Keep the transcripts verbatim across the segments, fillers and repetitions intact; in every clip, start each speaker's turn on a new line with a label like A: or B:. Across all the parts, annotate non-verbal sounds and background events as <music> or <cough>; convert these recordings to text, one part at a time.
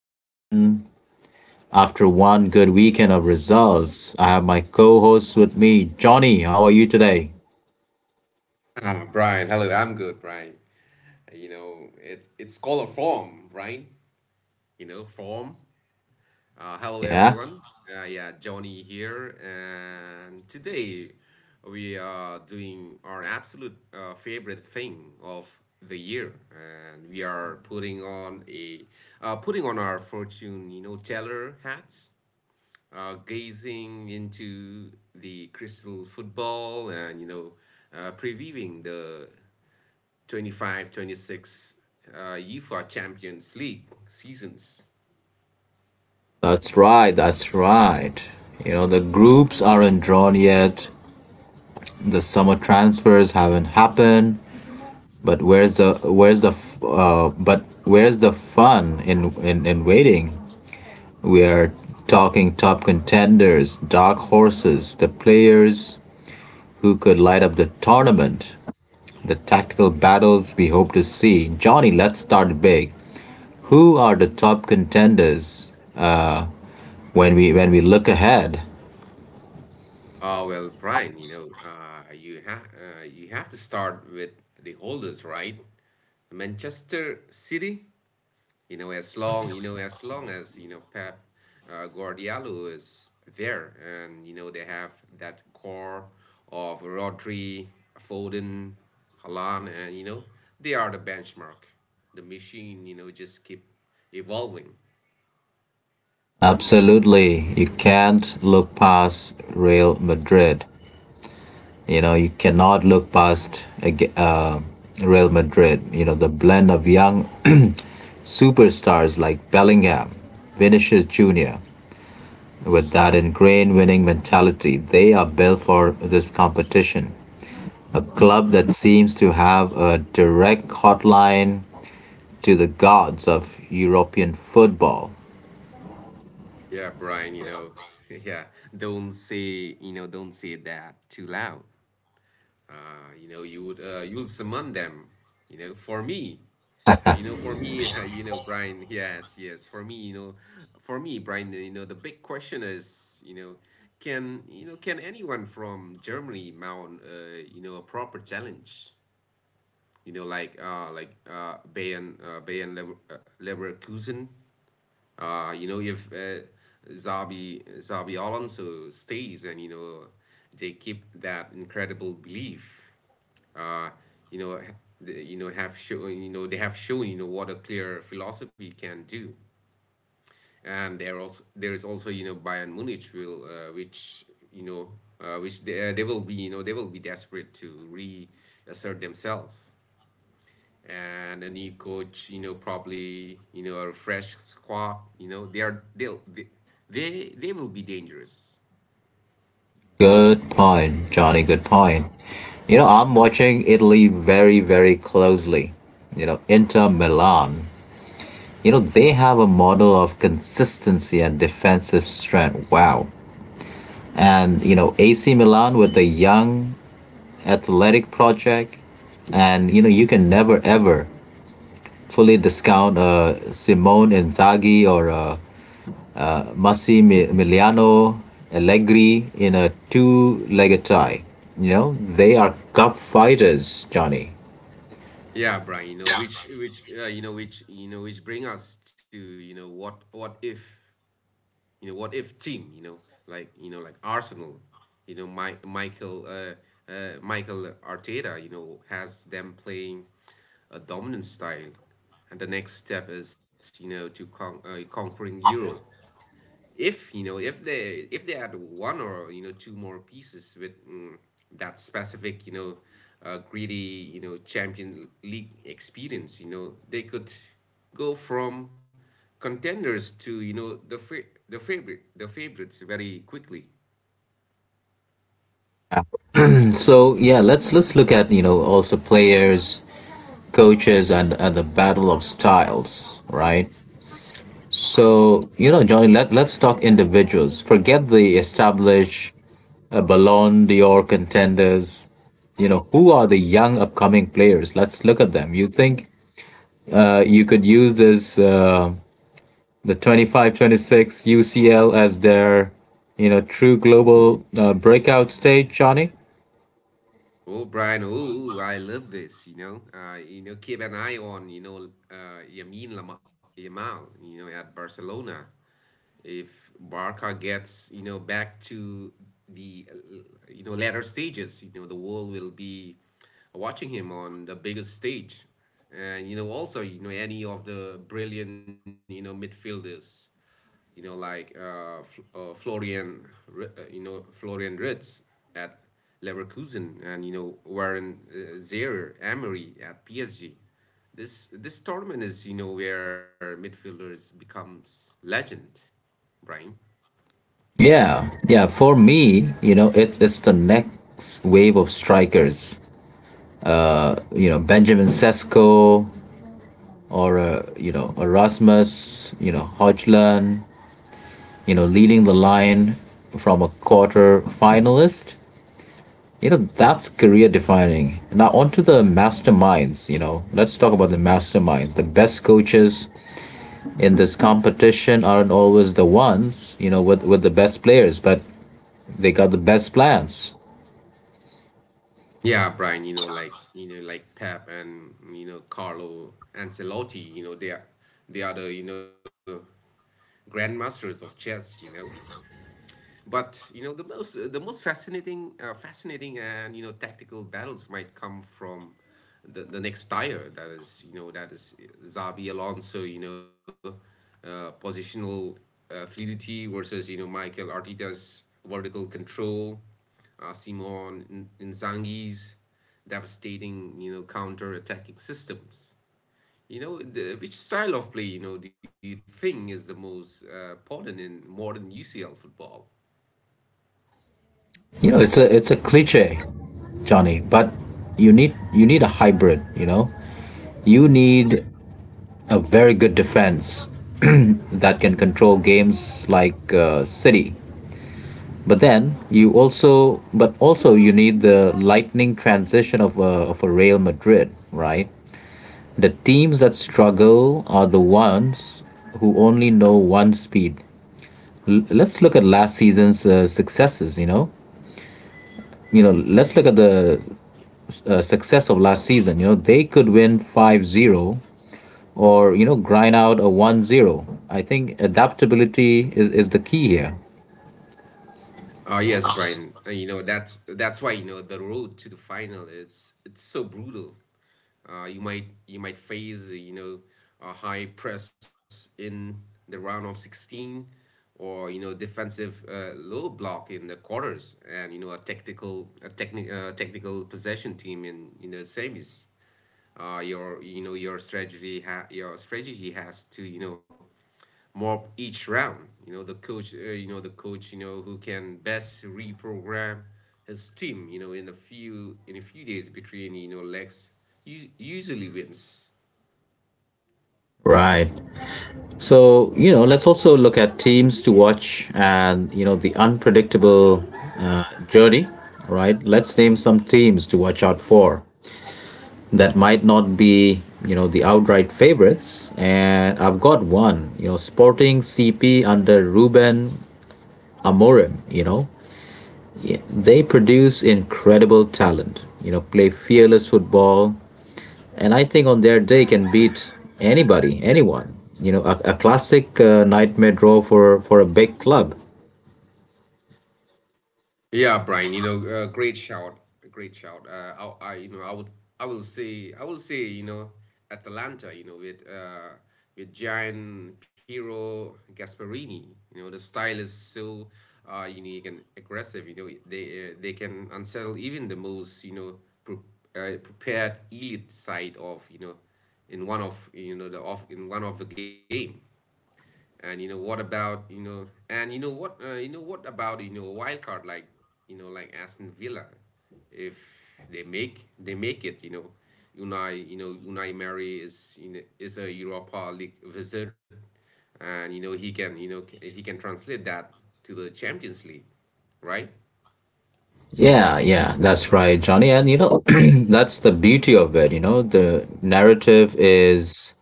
A: One After one good weekend of results, I have my co-hosts with me. Johnny, how are you today?
B: Ah, Brian, hello. I'm good, Brian. Uh, You know, it it's called a form, Brian. You know, form. Uh, hello,
A: Yeah,
B: everyone. Uh, yeah, Johnny here, and today we are doing our absolute uh, favorite thing of the year, and we are putting on a uh, putting on our fortune, you know, teller hats, uh, gazing into the crystal football, and you know, uh, previewing the Twenty five, twenty six, twenty six uh, UEFA Champions League seasons.
A: that's right. That's right. You know, the groups aren't drawn yet. The summer transfers haven't happened. But where's the where's the f- uh, but where's the fun in, in in waiting? We are talking top contenders, dark horses, the players who could light up the tournament, the tactical battles we hope to see. Johnny, let's start big. Who are the top contenders uh, when we when we look ahead?
B: Oh well, Brian, you know, uh, you have uh, you have to start with the holders, right? Manchester City, you know, as long you know, as long as you know Pep uh, Guardiola is there, and you know they have that core of Rodri, Foden, Haaland, and you know they are the benchmark. The machine, you know, just keep evolving.
A: Absolutely, you can't look past Real Madrid. You know, you cannot look past ag- uh, Real Madrid. You know, the blend of young <clears throat> superstars like Bellingham, Vinicius Junior, with that ingrained winning mentality, they are built for this competition. A club that seems to have a direct hotline to the gods of European football.
B: Yeah, Brian, you know, <laughs> yeah, don't say, you know, don't say that too loud. Uh, you know, you would, uh, you'll summon them, you know, for me. You know, for me, <laughs> you know, Brian, yes, yes, for me, you know, for me, Brian, you know, the big question is, you know, can, you know, can anyone from Germany mount, uh, you know, a proper challenge? You know, like, uh, like, uh, Bayern, uh, Bayern Lever uh, Leverkusen, uh, you know, if uh, Zabi Zabi Alonso stays, and you know, they keep that incredible belief. Uh, you know, ha- the- you know have shown you know they have shown you know what a clear philosophy can do, and there also there is also you know Bayern Munich will uh, which you know uh, which they, uh, they will be you know they will be desperate to reassert themselves, and a new coach, you know, probably, you know, a fresh squad, you know, they are they'll they they, they will be dangerous.
A: Good point, Johnny, good point. You know, I'm watching Italy very, very closely. You know, Inter Milan, you know, they have a model of consistency and defensive strength. Wow. And, you know, A C Milan with a young athletic project. And, you know, you can never ever fully discount uh, Simone Inzaghi or uh, Massi Miliano Allegri in a two legged tie. You know, they are cup fighters, Johnny.
B: Yeah, Brian, you know, which which uh, you know which you know which bring us to, you know, what what if, you know, what if team, you know, like you know like Arsenal, you know, My, Michael uh, uh, Michael Arteta, you know, has them playing a dominant style. And the next step is, you know, to con- uh, conquering Europe. If you know if they if they add one or you know two more pieces with mm, that specific you know uh, greedy you know champion league experience, you know they could go from contenders to you know the fa- the favorite the favorites very quickly.
A: And So yeah, let's let's look at, you know, also players, coaches, and and the battle of styles, right? So, you know, Johnny, let, let's talk individuals. Forget the established uh, Ballon d'Or contenders. You know, who are the young upcoming players? Let's look at them. You think uh, you could use this, uh, the twenty five, twenty six U C L as their, you know, true global uh, breakout stage, Johnny?
B: Oh, Brian, oh, I love this, you know. Uh, you know, keep an eye on, you know, uh, Yamin Lama- Yamal, you know, at Barcelona. If Barca gets, you know, back to the, uh, you know, latter stages, you know, the world will be watching him on the biggest stage. And, you know, also, you know, any of the brilliant, you know, midfielders, you know, like uh, F- uh, Florian, uh, you know, Florian Ritz at Leverkusen, and you know, Warren uh, Zaire Emery at P S G. This this tournament is you know where midfielders becomes legend, Brian.
A: Yeah, yeah. For me, you know, it, it's the next wave of strikers. You know, Benjamin Sesko, or a, you know, Erasmus, you know, Hodgland, you know, leading the line from a quarter finalist. You know, that's career defining. Now onto the masterminds. You know, let's talk about the masterminds. The best coaches in this competition aren't always the ones, you know, with with the best players, but they got the best plans.
B: Yeah, Brian. You know, like you know, like Pep and you know Carlo Ancelotti. You know, they are they are the you know grandmasters of chess. You know. But you know the most uh, the most fascinating uh, fascinating and you know tactical battles might come from the, the next tire, that is you know that is Xabi Alonso, you know uh, positional uh, fluidity versus you know Michael Arteta's vertical control, uh, Simon Inzaghi's devastating, you know counter attacking systems. You know, the, which style of play, you know, do you think is the most uh, important in modern U C L football?
A: You know, it's a, it's a cliche, Johnny, but you need you need a hybrid. You know, you need a very good defense <clears throat> that can control games like uh, City. But then you also, but also you need the lightning transition of a, of a Real Madrid, right? The teams that struggle are the ones who only know one speed. L- let's look at last season's uh, successes. You know, you know. Let's look at the uh, success of last season. You know, they could win five zero or you know, grind out a one zero. I think adaptability is, is the key here.
B: Oh yes, Brian. Uh, You know that's that's why you know the road to the final it's it's so brutal. Uh, you might you might face uh, you know a high press in the round of sixteen, or you know defensive, uh, low block in the quarters, and you know a technical, a techni- uh, technical possession team in you know semis. Uh, your you know your strategy ha- your strategy has to you know more each round. You know the coach. Uh, you know the coach. You know who can best reprogram his team. You know in a few in a few days between you know legs, u- usually wins.
A: Right, so you know, let's also look at teams to watch and you know, the unpredictable uh, journey. Right, let's name some teams to watch out for that might not be, you know, the outright favorites, and I've got one. You know, Sporting CP under Ruben Amorim, you know, they produce incredible talent. You know, play fearless football, and I think on their day can beat anybody, anyone. You know, a, a classic uh, nightmare draw for for a big club.
B: Yeah, Brian, you know, uh, great shout, great shout. Uh, I, I, you know, I would, I will say, I will say, you know, Atalanta, you know, with uh, with Gian Piero Gasperini, you know, the style is so uh, unique and aggressive. You know, they uh, they can unsettle even the most, you know, pre uh, prepared elite side of, you know, in one of, you know, the off in one of the game. And you know what about you know and you know what uh, you know what about you know a wild card like you know like Aston Villa, if they make they make it you know, Unai you know Unai Emery is, you know, is a Europa League wizard, and you know he can, you know c- he can translate that to the Champions League, right?
A: Yeah, yeah, that's right, Johnny. And you know, <clears throat> that's the beauty of it. You know, the narrative is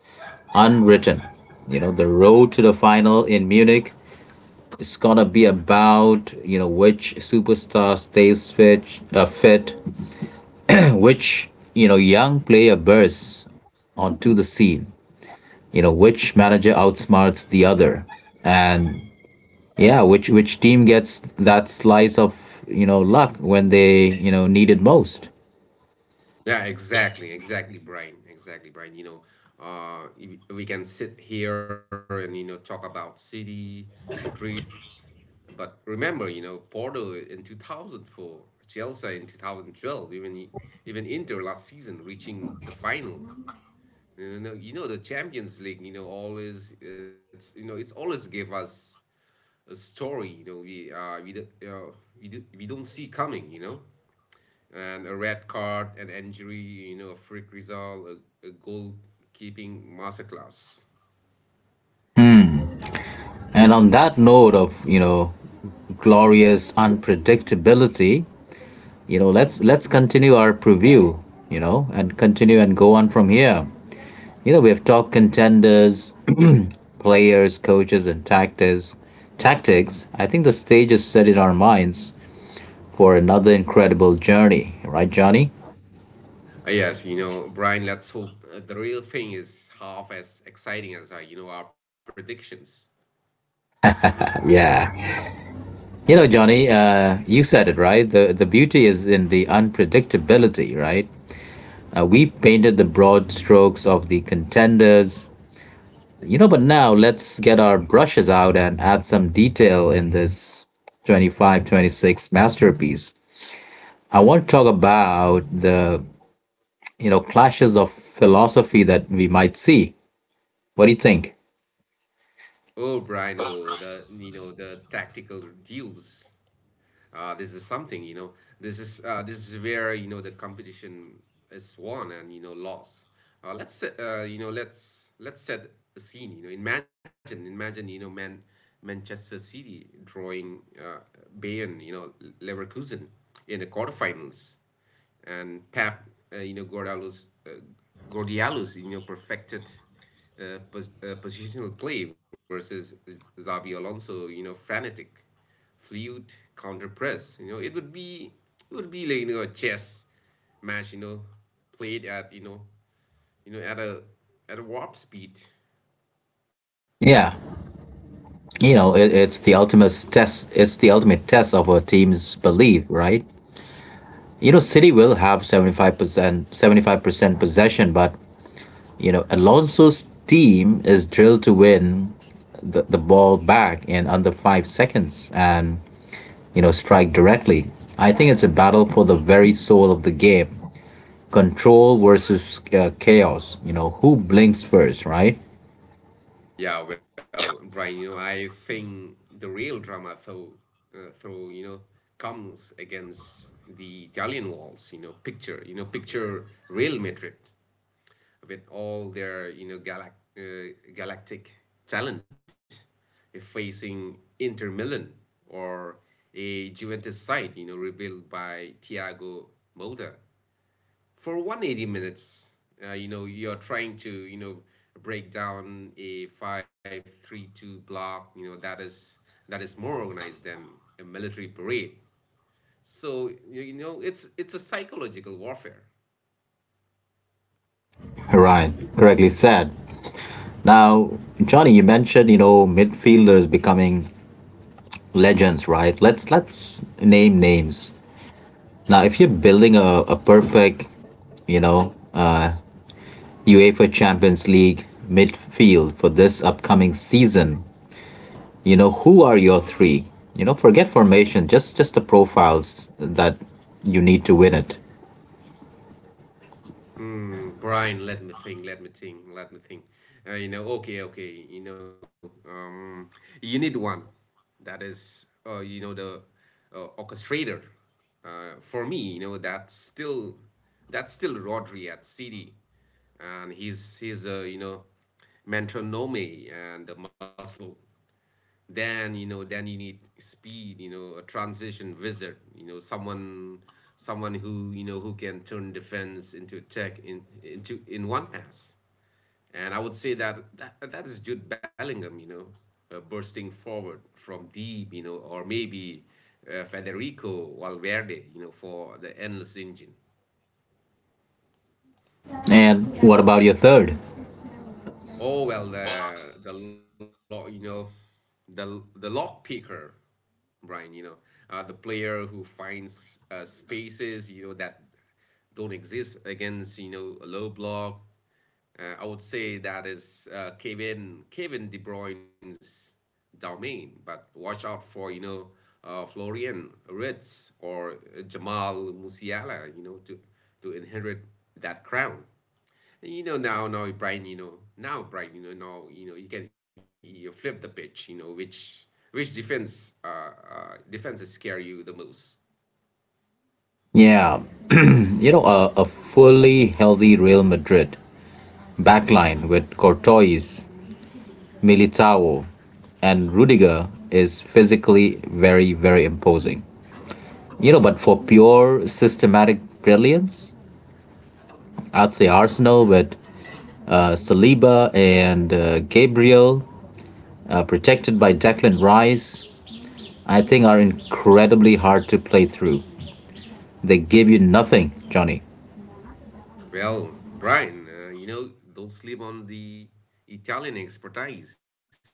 A: unwritten. You know, the road to the final in Munich is gonna be about, you know, which superstar stays fit, uh, fit, which you know, young player bursts onto the scene. You know, which manager outsmarts the other, and yeah, which which team gets that slice of, you know, luck when they, you know, need it most.
B: Yeah, exactly, exactly, Brian, exactly, Brian. You know, uh, if we can sit here and you know talk about City, Madrid. But remember, you know, Porto in two thousand four, Chelsea in two thousand twelve, even even Inter last season reaching the final. You know, no, you know The Champions League. You know, always it's you know It's always give us a story. You know, we uh we d- uh, we d- We don't see coming. You know, and a red card, an injury. You know, a freak result, a, a goal keeping masterclass.
A: And on that note of, you know, glorious unpredictability, you know, let's let's continue our preview, you know, and continue and go on from here. You know, we have top contenders, <clears throat> players, coaches, and tactics. Tactics. I think the stage is set in our minds for another incredible journey, right, Johnny?
B: Uh, yes, you know, Brian, let's hope uh, the real thing is half as exciting as our, you know, our predictions.
A: Yeah. You know, Johnny, uh, you said it right. The the beauty is in the unpredictability, right? Uh, we painted the broad strokes of the contenders, you know. But now let's get our brushes out and add some detail in this twenty five, twenty six masterpiece. I want to talk about the, you know, clashes of philosophy that we might see. What do you think?
B: Oh, Brian, oh, the, you know, the tactical duels. Uh, this is something, you know, this is uh, This is where, you know, the competition is won and, you know, lost. Uh, let's, set- uh, you know, let's let's set a scene, you know, imagine, imagine, you know, man, Manchester City drawing uh, Bayern, you know, Leverkusen in the quarterfinals. And Pep, uh, you know, Gordialus, uh, Gordialus, you know, perfected uh, pos- uh, positional play versus Zabi Alonso, you know, frantic, fluid counter press. You know, it would be it would be like you know a chess match, you know, played at you know you know at a at a warp speed.
A: Yeah, you know, it, it's the ultimate test. It's the ultimate test of a team's belief, right? You know, City will have seventy five percent, seventy five percent possession, but you know, Alonso's team is drilled to win the, the ball back in under five seconds and you know, strike directly. I think it's a battle for the very soul of the game: control versus uh, chaos. You know, who blinks first, right?
B: Yeah, well, Brian, you know, I think the real drama, though, uh, though, you know, comes against the Italian walls. You know, picture, you know, picture Real Madrid with all their, you know, galac uh, galactic talent, uh, facing Inter Milan or a Juventus side, you know, rebuilt by Thiago Motta for one hundred eighty minutes. Uh, you know you're trying to you know break down a five three two block, you know that is that is more organized than a military parade. So you you know it's it's a psychological warfare.
A: Right, correctly said. Now, Johnny, you mentioned, you know, midfielders becoming legends, right? Let's let's name names. Now, if you're building a, a perfect, you know, uh, UEFA Champions League midfield for this upcoming season, you know, who are your three? You know, forget formation, just just the profiles that you need to win it.
B: Mm, Brian, let me think, let me think, let me think. Uh, you know, okay, okay, you know, um, you need one that is, uh, you know, the uh, orchestrator. Uh, for me, you know, that's still that's still Rodri at City, and he's he's a you know metronome and a muscle. Then you know then you need speed, you know a transition wizard, you know someone someone who you know who can turn defense into attack, in into in one pass. And I would say that that, that is Jude Bellingham, you know uh, bursting forward from deep, you know or maybe uh, Federico Valverde, you know for the endless engine.
A: And what about your third?
B: Oh well, the the lock, you know, the the lock picker, Brian. You know, uh, the player who finds uh, spaces, you know, that don't exist against you know a low block. Uh, I would say that is uh, Kevin Kevin De Bruyne's domain, but watch out for you know uh, Florian Ritz or Jamal Musiala, you know, to to inherit that crown. You know now, now Brian, you know now Brian, you know now you know you can you flip the pitch. You know which which defense uh, uh defenses scare you the most.
A: Yeah, <clears throat> you know, a, a fully healthy Real Madrid backline with Courtois, Militao, and Rudiger is physically very, very imposing. You know, but for pure systematic brilliance, I'd say Arsenal with uh, Saliba and uh, Gabriel, uh, protected by Declan Rice, I think are incredibly hard to play through. They give you nothing, Johnny.
B: Well, Brian, uh, you know don't sleep on the Italian expertise, though.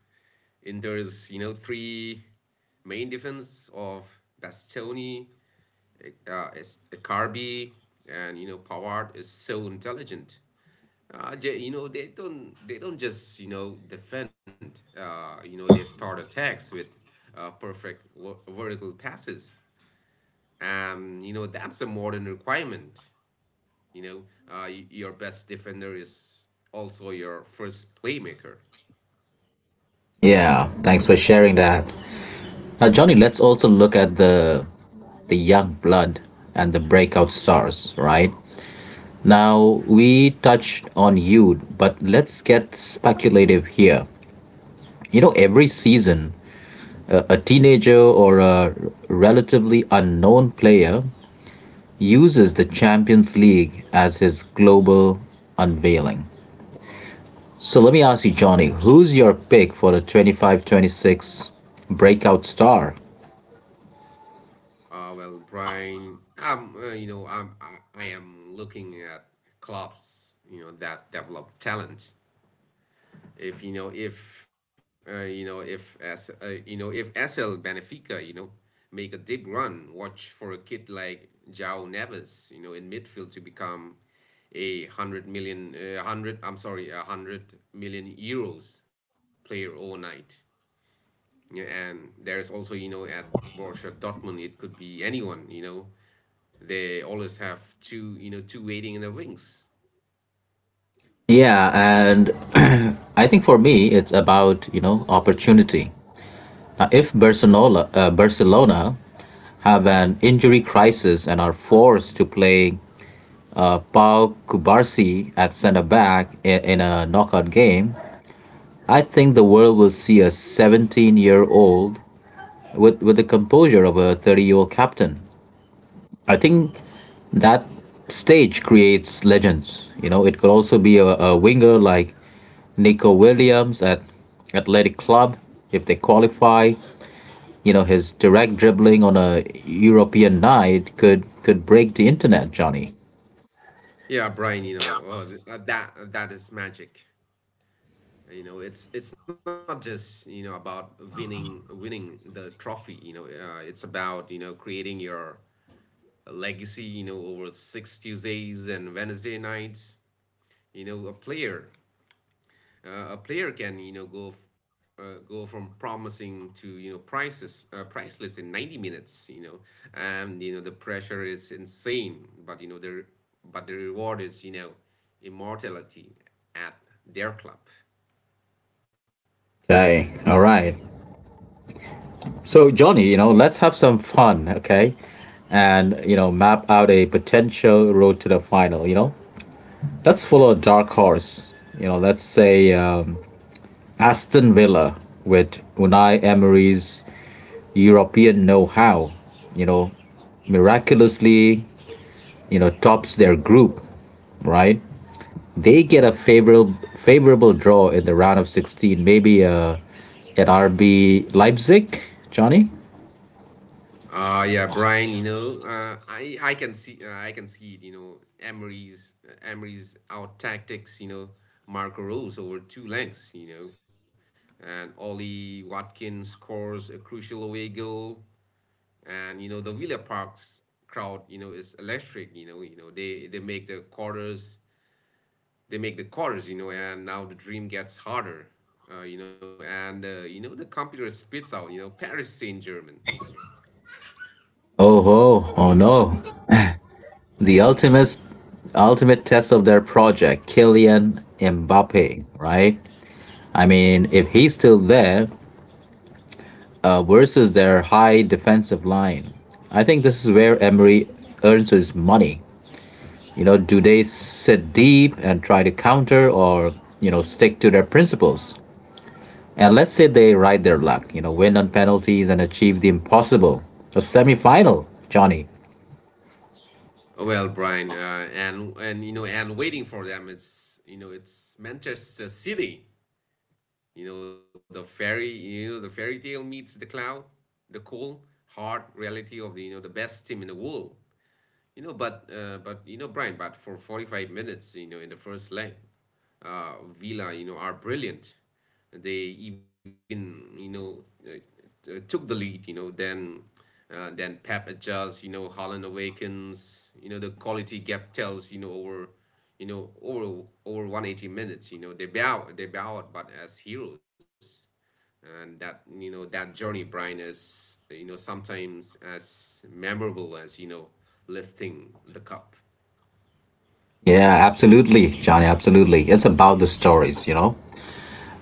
B: Inter's, you know three main defense of Bastoni, uh, is Carby, and you know Pavard is so intelligent. Uh, they, you know they don't they don't just you know defend. Uh, you know they start attacks with uh, perfect ver- vertical passes. Um, you know that's a modern requirement. You know uh, y- your best defender is also your first playmaker.
A: Yeah, thanks for sharing that. Now, Johnny, let's also look at the the young blood and the breakout stars, right? Now, we touched on youth, but let's get speculative here. You know, every season, a teenager or a relatively unknown player uses the Champions League as his global unveiling. So let me ask you, Johnny, who's your pick for the twenty five twenty six breakout star?
B: Uh, well, Brian, um, uh, you know I'm I, I am looking at clubs, you know, that develop talent if you know if uh, you know if as uh, you know, if S L Benfica, you know, make a deep run, watch for a kid like João Neves, you know, in midfield to become a 100 million uh, 100 I'm sorry a 100 million euros player overnight. Yeah, and there is also, you know, at Borussia Dortmund it could be anyone, you know, they always have two, you know, two waiting in the wings.
A: Yeah, and <clears throat> I think for me, it's about, you know, opportunity. Now, if Barcelona uh, Barcelona have an injury crisis and are forced to play Pau Kubarsi at center back in a knockout game, I think the world will see a seventeen year old with, with the composure of a thirty year old captain. I think that stage creates legends. You know, it could also be a, a winger like Nico Williams at Athletic Club if they qualify. You know, his direct dribbling on a European night could could break the internet, Johnny.
B: Yeah, Brian, you know. oh, that that is magic, you know. It's it's not just, you know, about winning winning the trophy, you know. Uh, it's about, you know, creating your legacy, you know, over six Tuesdays and Wednesday nights. You know, a player, uh, a player can, you know, go f- uh, go from promising to, you know, priceless, uh, priceless in ninety minutes, you know. And you know the pressure is insane, but you know the but the reward is, you know, immortality at their club.
A: Okay, all right. So, Johnny, you know, let's have some fun, okay? And, you know, map out a potential road to the final, you know? Let's follow a dark horse. You know, let's say um, Aston Villa with Unai Emery's European know how, you know, miraculously, you know, tops their group, right? They get a favorable favorable draw in the round of sixteen, maybe uh, at R B Leipzig, Johnny?
B: Uh, yeah, Brian, you know, uh, I I can see, uh, I can see it, you know. Emery's uh, Emery's out tactics, you know, Marco Rose over two lengths, you know, and Ollie Watkins scores a crucial away goal, and you know the Villa Park's crowd, you know, is electric, you know. You know they they make the quarters, they make the quarters, you know. And now the dream gets harder, uh, you know, and uh, you know the computer spits out, you know, Paris Saint Germain.
A: Oh ho, oh no. The ultimate ultimate test of their project, Kylian Mbappe, right? I mean, if he's still there uh, versus their high defensive line, I think this is where Emery earns his money. You know, do they sit deep and try to counter, or you know, stick to their principles? And let's say they ride their luck, you know, win on penalties and achieve the impossible. A semi final, Johnny.
B: Well, Brian, uh, and and you know, and waiting for them, it's, you know, it's Manchester City. You know, the fairy, you know, the fairy tale meets the cloud, the cold, hard reality of the, you know, the best team in the world. You know, but uh, but you know, Brian, but for forty-five minutes, you know, in the first leg, uh, Villa, you know, are brilliant. They even, you know, uh, t- took the lead. You know, then uh, then Pep adjusts. You know, Holland awakens. You know, the quality gap tells. You know, over, you know, over over a hundred eighty minutes. You know, they bow they bow out, but as heroes. And that, you know, that journey, Brian, is, you know, sometimes as memorable as, you know, lifting the cup.
A: Yeah, absolutely, Johnny. Absolutely. It's about the stories, you know.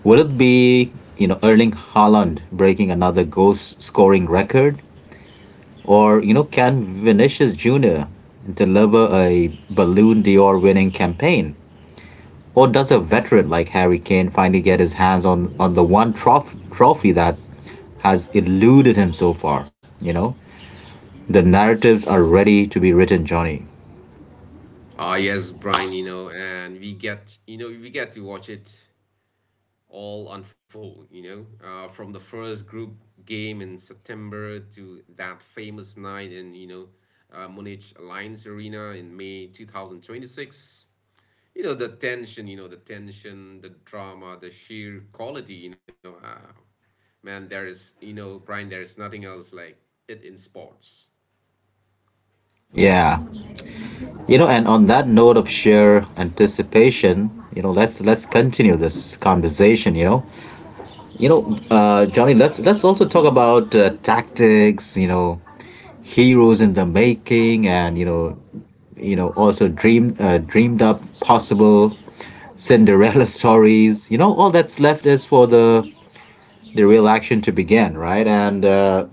A: Will it be, you know, Erling Haaland breaking another goal s- scoring record? Or, you know, can Vinicius Junior deliver a Balloon d'Or winning campaign? Or does a veteran like Harry Kane finally get his hands on, on the one trof- trophy that has eluded him so far? You know, the narratives are ready to be written, Johnny.
B: Ah, yes, Brian. You know, and we get, you know, we get to watch it all unfold, you know. Uh, from the first group game in September to that famous night in, you know, uh, Munich Alliance Arena in May two thousand twenty-six. You know the tension, you know the tension the drama, the sheer quality, you know. Ah, man, there is, you know, Brian, there is nothing else like it in sports.
A: Yeah. You know, and on that note of sheer anticipation, you know, let's let's continue this conversation. You know, you know, uh, Johnny, let's let's also talk about uh, tactics. You know, heroes in the making, and you know, you know, also dream uh, dreamed up possible Cinderella <laughs> stories. You know, all that's left is for the the real action to begin, right? And uh,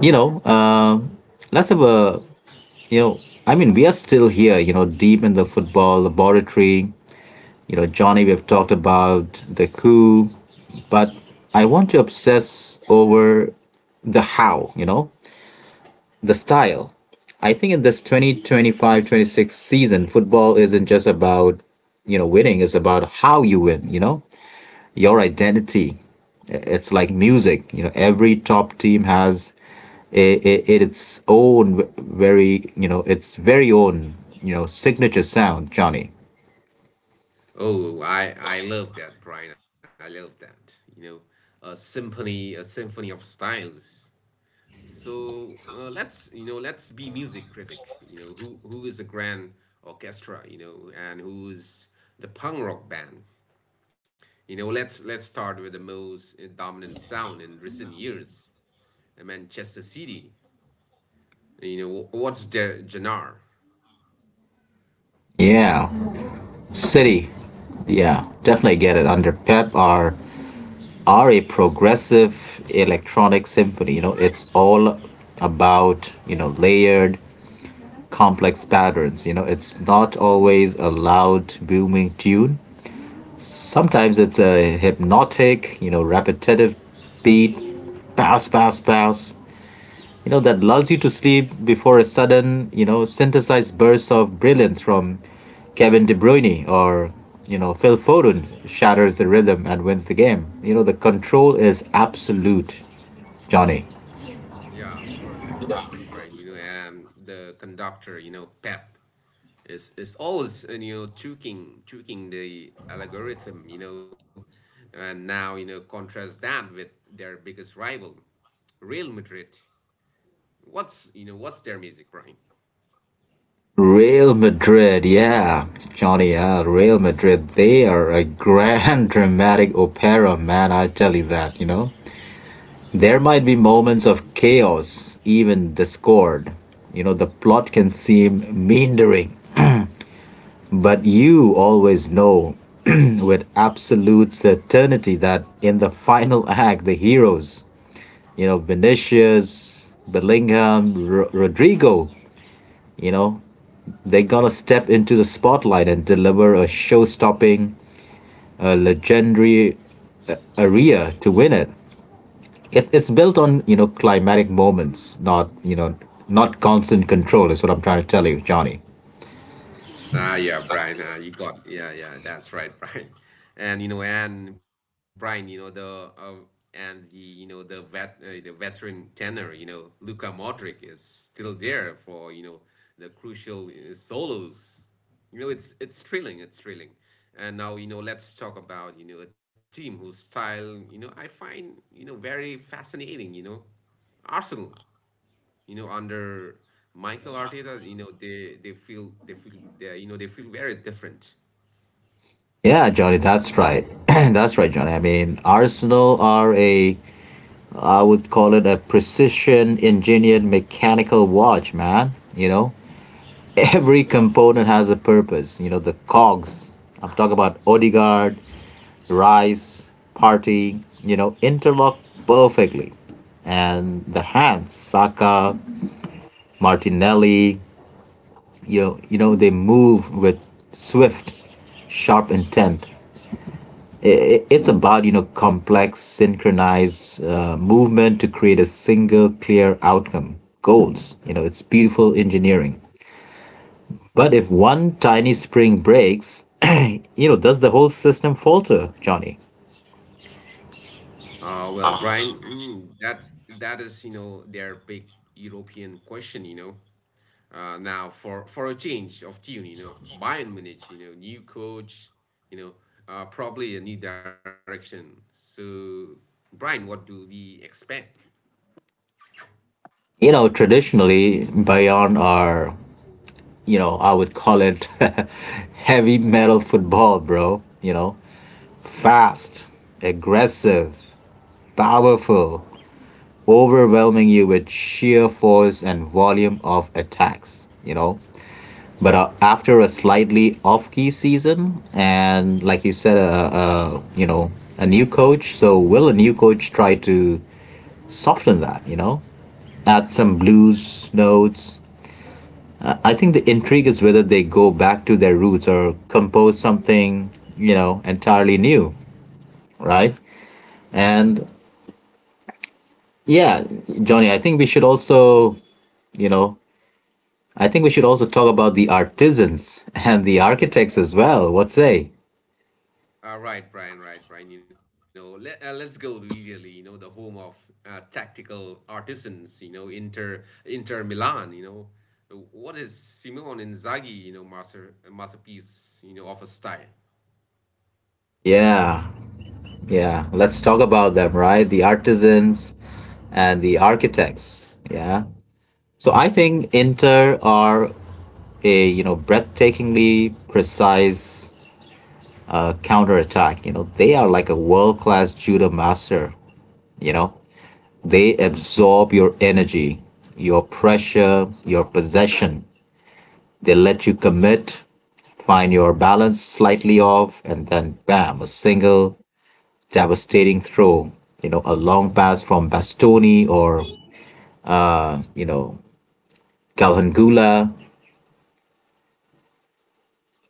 A: you know, um let's have a — you know, I mean, we are still here, you know, deep in the football laboratory. You know, Johnny, we've talked about the coup, but I want to obsess over the how, you know, the style. I think in this twenty twenty five twenty six season, football isn't just about, you know, winning, it's about how you win, you know? Your identity. It's like music, you know, every top team has a, a, its own very, you know, its very own, you know, signature sound, Johnny.
B: Oh i i love that, Brian, I love that. You know, a symphony, a symphony of styles. So uh, let's, you know, let's be music critic, you know. Who who is the grand orchestra, you know, and who's the punk rock band? You know, let's let's start with the most uh, dominant sound in recent years, Manchester City. You know, what's their genre?
A: Yeah. City. Yeah, definitely get it. Under Pep are are a progressive electronic symphony. You know, it's all about you know layered, complex patterns. You know, it's not always a loud, booming tune. Sometimes it's a hypnotic, you know, repetitive beat, pass, pass, pass. you know, that lulls you to sleep before a sudden, you know, synthesized burst of brilliance from Kevin De Bruyne or, you know, Phil Foden shatters the rhythm and wins the game. You know, the control is absolute, Johnny.
B: Yeah, perfect, perfect, Brian. You know, um, the conductor, you know, Pep, is is always uh, you know tweaking tweaking the algorithm, you know. And now, you know, contrast that with their biggest rival, Real Madrid. What's, you know, what's their music, Brian?
A: Real Madrid, yeah, Johnny, yeah, Real Madrid, they are a <laughs> grand, dramatic opera, man, I tell you that, you know. There might be moments of chaos, even discord. You know, the plot can seem meandering, but you always know <clears throat> with absolute certainty that in the final act, the heroes, you know, Vinicius, Bellingham, Ro- Rodrigo, you know, they're gonna step into the spotlight and deliver a show stopping, a legendary aria to win it. it, it's built on you know climatic moments, not you know not constant control. Is what I'm trying to tell you, Johnny.
B: Ah, yeah, Brian. Uh, you got yeah, yeah. That's right, <laughs> Brian. And you know, and Brian, you know the uh, and the, you know the vet uh, the veteran tenor, you know, Luka Modric is still there for, you know, the crucial uh, solos. You know, it's it's thrilling. It's thrilling. And now, you know, let's talk about, you know, a team whose style, you know, I find, you know, very fascinating. You know, Arsenal, you know, under Michael Arteta, you know, they they feel they feel they you know they feel very different.
A: Yeah, Johnny, that's right. <clears throat> That's right, Johnny. I mean, Arsenal are a I would call it a precision engineered mechanical watch, man. You know, every component has a purpose. You know, the cogs, I'm talking about Odegaard, Rice, Partey, You know, interlock perfectly, and the hands, Saka, Martinelli, you know, you know they move with swift, sharp intent. I- i- It's about you know complex, synchronized uh, movement to create a single clear outcome. Goals, you know, it's beautiful engineering. But if one tiny spring breaks, <clears throat> you know, does the whole system falter, Johnny?
B: Uh well Brian, mm, that's, that is, you know, their big European question, you know. Uh now, for for a change of tune, you know, Bayern Munich, you know, new coach, you know, uh probably a new direction. So Brian, what do we expect?
A: You know, traditionally, Bayern are, you know, I would call it, <laughs> heavy metal football, bro. You know, fast, aggressive, powerful, overwhelming you with sheer force and volume of attacks, you know. But uh, after a slightly off key season, and like you said, uh, uh, you know, a new coach, so will a new coach try to soften that, you know, add some blues notes? I I think the intrigue is whether they go back to their roots or compose something, you know, entirely new, right? And yeah, Johnny, I think we should also, you know, I think we should also talk about the artisans and the architects as well. What say?
B: Uh, right, Brian, right, Brian. You know, let, uh, let's go to Italy, you know, the home of uh, tactical artisans, you know, Inter Inter Milan, you know. What is Simone Inzaghi, you know, master masterpiece, you know, of a style?
A: Yeah, yeah. Let's talk about them, right? The artisans and the architects. Yeah. So I think Inter are a you know breathtakingly precise uh, counterattack. You know they are like a world class judo master. You know they absorb your energy, your pressure, your possession. They let you commit, find your balance slightly off, and then bam, a single devastating throw. You know, a long pass from Bastoni or, you know, Calhangula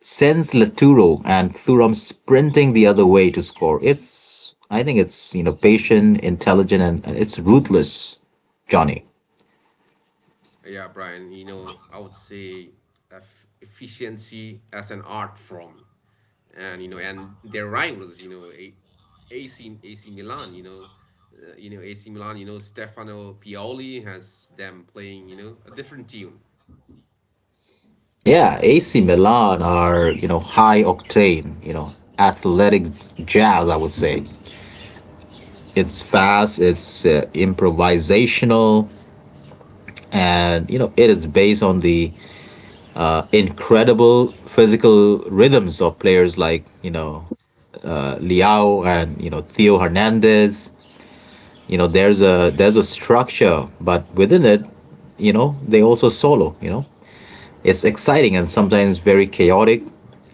A: sends Laturo and Thuram sprinting the other way to score. It's, I think it's, you know, patient, intelligent, and it's ruthless, Johnny.
B: Yeah, Brian, you know, I would say eff efficiency as an art form. And you know, and their rivals, you know, A- AC AC Milan, you know, uh, you know, A C Milan, you know, Stefano Pioli has them playing, you know, a different tune.
A: Yeah, A C Milan are, you know, high octane, you know, athletic jazz, I would say. It's fast, it's uh, improvisational, and you know it is based on the uh, incredible physical rhythms of players like you know uh, Liao and you know Theo Hernandez. You know there's a there's a structure, but within it, you know they also solo. You know it's exciting and sometimes very chaotic,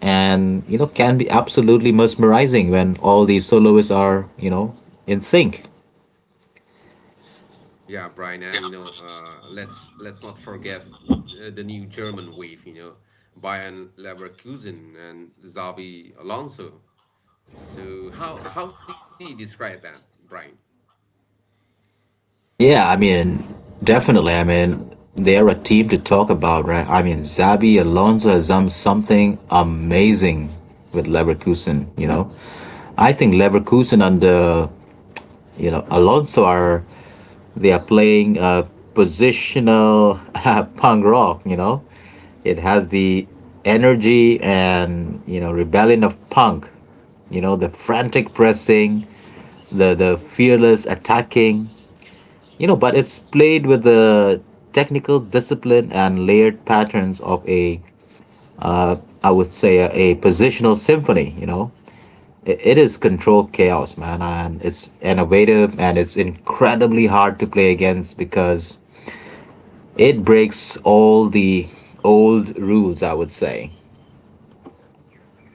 A: and you know can be absolutely mesmerizing when all these soloists are you know in sync.
B: Yeah, Brian, and you know, uh, let's let's not forget uh, the new German wave. You know, Bayern Leverkusen and Xabi Alonso. So how how do you describe that, Brian?
A: Yeah, I mean, definitely. I mean, they're a team to talk about, right? I mean, Zabi Alonso has done something amazing with Leverkusen, you know. I think Leverkusen under, you know, Alonso, are they are playing uh, positional <laughs> punk rock, you know. It has the energy and, you know, rebellion of punk, you know, the frantic pressing, the the fearless attacking you know, but it's played with the technical discipline and layered patterns of a, I would say, a, a positional symphony. You know, I- it is controlled chaos, man, and it's innovative and it's incredibly hard to play against because it breaks all the old rules. I would say.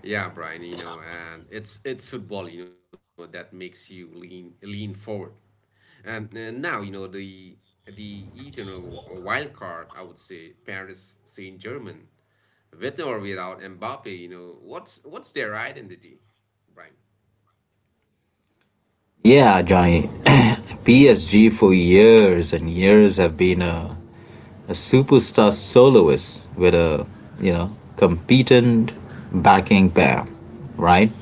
B: Yeah, Brian, you know, and it's it's football, you know, that makes you lean lean forward. And uh, now, you know, the the eternal wild card, I would say, Paris Saint-Germain, with or without Mbappe, you know, what's what's their identity,
A: Yeah, Johnny. <clears throat> P S G for years and years have been a a superstar soloist with a you know competent backing pair, right?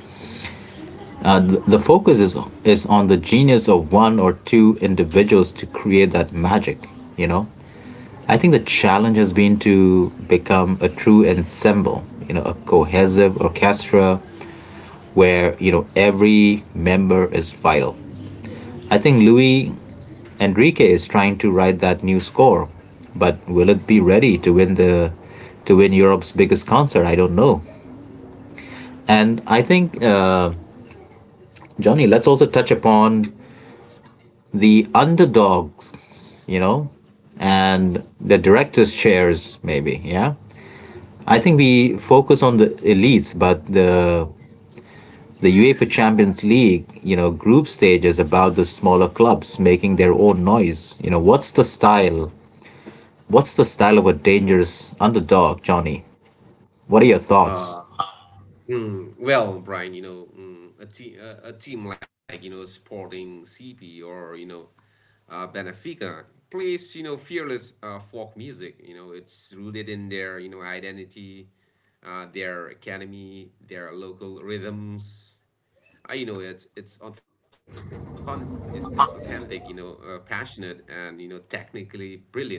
A: Uh, th- the focus is is on the genius of one or two individuals to create that magic. You know, I think the challenge has been to become a true ensemble. You know, a cohesive orchestra where you know every member is vital. I think Louis Enrique is trying to write that new score, but will it be ready to win the to win Europe's biggest concert? I don't know. And I think uh, Johnny, let's also touch upon the underdogs, you know, and the directors' chairs, maybe. Yeah, I think we focus on the elites, but the the UEFA Champions League, you know, group stage is about the smaller clubs making their own noise. You know, what's the style What's the style of a dangerous underdog, Johnny? What are your
B: Brian?
A: thoughts?
B: Mm, well, Brian, you know, mm, a team, a, a team like, you know, Sporting C P, or you know, uh, Benfica, plays, you know, fearless uh, folk music. You know, it's rooted in their, you know, identity, uh, their academy, their local rhythms. I You know, it's it's authentic, it's, it's authentic. You know, uh, passionate and, you know, technically brilliant.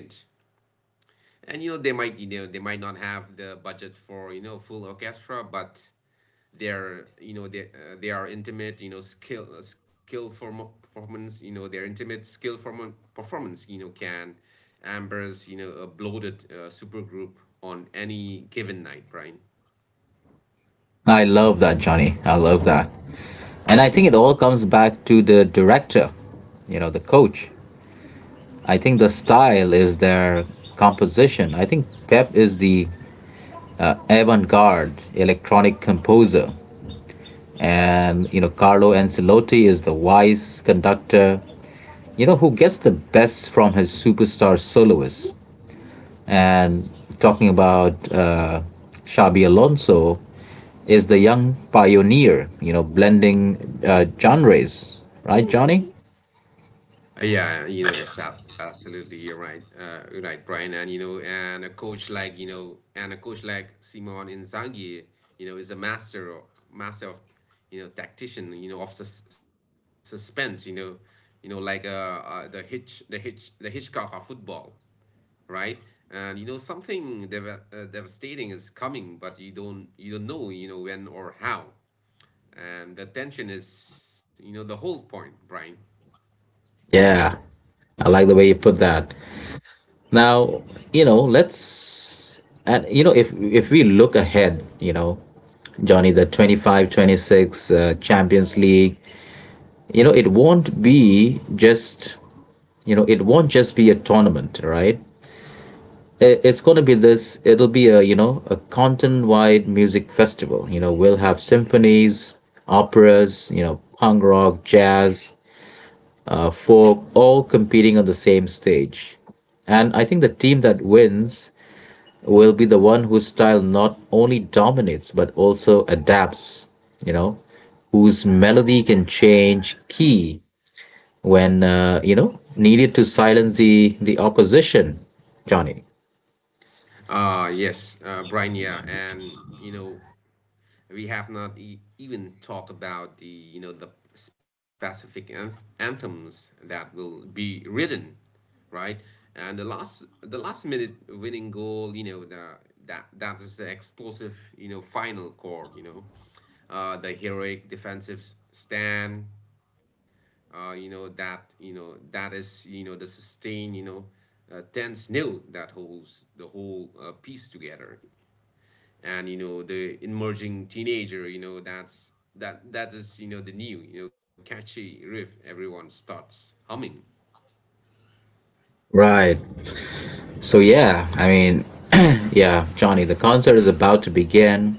B: And you know they might you know they might not have the budget for, you know, full orchestra, but they're, you know, they uh, they are intimate, you know, skill uh, skill form- performance. You know, their intimate skill form- performance you know, can ambers, you know, a bloated uh, supergroup on any given night, Brian.
A: I love that, Johnny. I love that. And I think it all comes back to the director, you know, the coach. I think the style is their composition. I think Pep is the avant garde electronic composer. And, you know, Carlo Ancelotti is the wise conductor, you know, who gets the best from his superstar soloists. And talking about uh, Xabi Alonso is the young pioneer, you know, blending uh, genres, right, Johnny?
B: Uh, Yeah, you know, it's ab- absolutely you're right, uh, you're right, Brian. And you know, and a coach like, you know, and a coach like Simon Inzaghi, you know, is a master of, master of you know, tactician, you know, of sus suspense, you know, you know, like uh, uh the Hitch, the Hitch, the Hitchcock of football, right? And you know, something dev uh, devastating is coming, but you don't you don't know, you know, when or how, and the tension is, you know, the whole point, Brian.
A: Yeah, I like the way you put that. Now, you know, let's and you know if if we look ahead, you know, Johnny, the twenty five twenty six uh, Champions League, you know, it won't be just, you know, it won't just be a tournament, right? It's going to be this it'll be a you know a continent wide music festival. You know we'll have symphonies, operas, you know punk rock, jazz, uh, folk, all competing on the same stage. And I think the team that wins will be the one whose style not only dominates but also adapts, you know whose melody can change key when uh, you know needed to silence the the opposition, Johnny.
B: Uh, yes, uh, Brian, yeah, and you know, we have not e even talked about the, you know, the specific anth anthems that will be written, right? And the last, the last minute winning goal, you know, the that that is the explosive, you know, final chord, you know, uh, the heroic defensive s- stand, uh, you know, that, you know, that is, you know, the sustain, you know, uh, tense note that holds the whole uh, piece together. And you know the emerging teenager, you know, that's that that is, you know, the new, you know, catchy riff everyone starts humming.
A: Right. So yeah, I mean, <clears throat> yeah, Johnny, the concert is about to begin.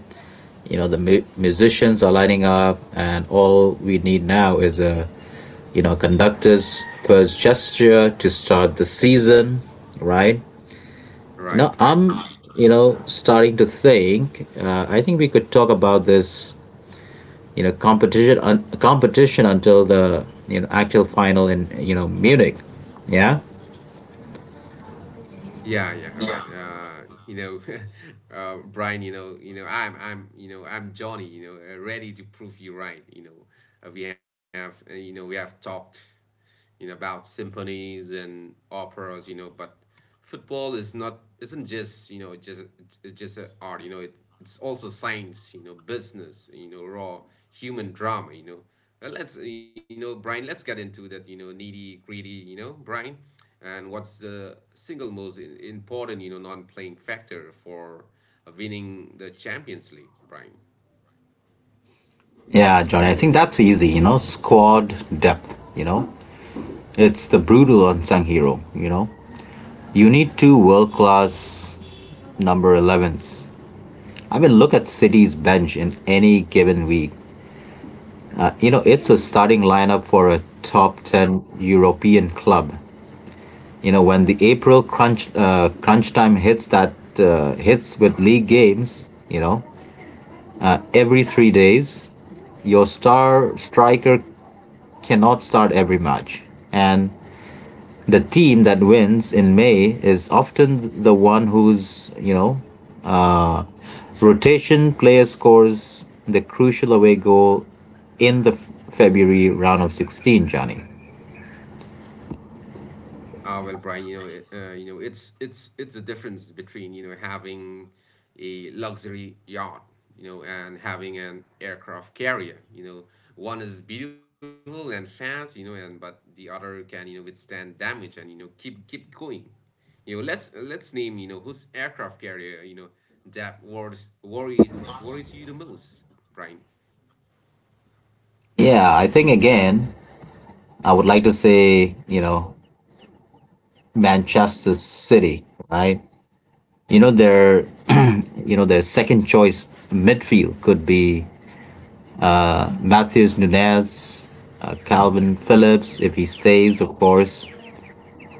A: You know, the mu- musicians are lining up, and all we need now is a you know conductor's first gesture to start the season, right? You know,
B: Right, right.
A: I'm you know starting to think. Uh, I think we could talk about this you know competition un- competition until the you know actual final in you know Munich. Yeah.
B: Yeah, yeah, right. Uh, you know, <laughs> uh, Brian, you know, you know, I'm, I'm, you know, I'm Johnny, you know, uh, ready to prove you right. You know, uh, we have, uh, you know, we have talked, you know, about symphonies and operas, you know, but football is not, isn't just, you know, just, it's just a art, you know, it, it's also science, you know, business, you know, raw human drama, you know. Uh, let's, you know, Brian, let's get into that, you know, needy, greedy, you know, Brian, and what's the single most i- important, you know, non-playing factor for uh, winning the Champions League, Brian?
A: Yeah, Johnny, I think that's easy, you know, squad depth, you know. It's the brutal unsung hero, you know? You need two world class number elevens. I mean, look at City's bench in any given week. Uh, You know, it's a starting lineup for a top ten European club. You know, when the April crunch uh, crunch time hits that uh, hits with league games, you know, every three days, your star striker cannot start every match. And the team that wins in May is often the one whose, you know, uh, rotation player scores the crucial away goal in the F- February round of sixteen, Johnny.
B: Uh, well, Brian, you know, it- uh, you know, it's it's it's a difference between, you know, having a luxury yacht, you know, and having an aircraft carrier. You know, one is beautiful and fast, you know, and but the other can, you know, withstand damage and, you know, keep keep going. You know, let's let's name, you know, whose aircraft carrier, you know, that worries worries worries you the most, Brian.
A: Yeah, I think again, I would like to say, you know, Manchester City, right? You know, their, <clears throat> you know, their second choice midfield could be Matthews Nunes, uh, Calvin Phillips, if he stays, of course,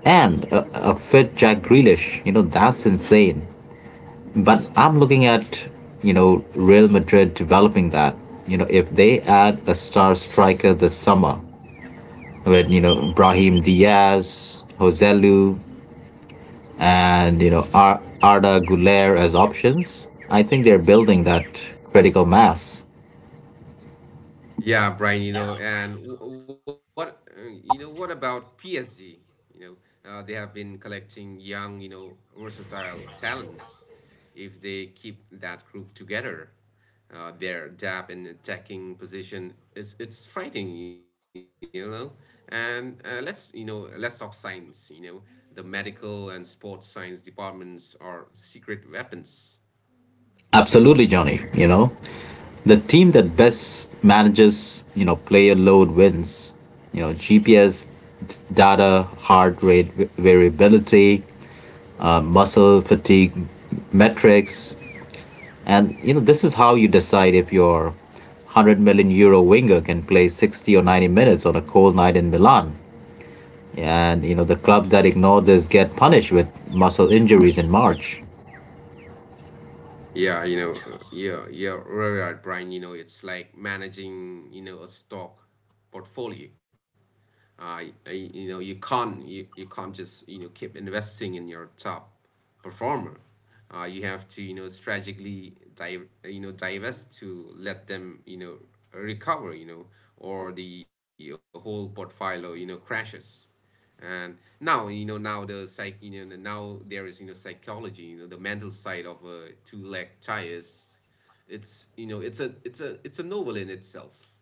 A: and a, a fit Jack Grealish. You know, that's insane. But I'm looking at, you know, Real Madrid developing that. You know, if they add a star striker this summer with, you know, Brahim Diaz, Joselu, and, you know, Ar- Arda Guler as options, I think they're building that critical mass.
B: Yeah, Brian, you know, and wh- what, uh, you know, what about P S G? You know, uh, they have been collecting young, you know, versatile talents. If they keep that group together, uh, their depth in attacking position is, it's frightening, you know. And uh, let's, you know, let's talk science. You know, the medical and sports science departments are secret weapons.
A: Absolutely, Johnny. You know, the team that best manages you know player load wins. you know G P S data, heart rate variability, uh, muscle fatigue metrics. And you know this is how you decide if your one hundred million euro winger can play sixty or ninety minutes on a cold night in Milan. And you know the clubs that ignore this get punished with muscle injuries in March.
B: Yeah, you know, uh, yeah, yeah, right, right, Brian. You know, it's like managing you know, a stock portfolio. Uh, y- you know you can't you, you can't just you know keep investing in your top performer. Uh, you have to you know strategically dive uh, you know divest to let them you know recover, you know or the whole portfolio you know crashes. And now you know now the psych you know now there is, you know psychology, you know the mental side of a two leg tires. It's you know It's a it's a it's a novel in itself.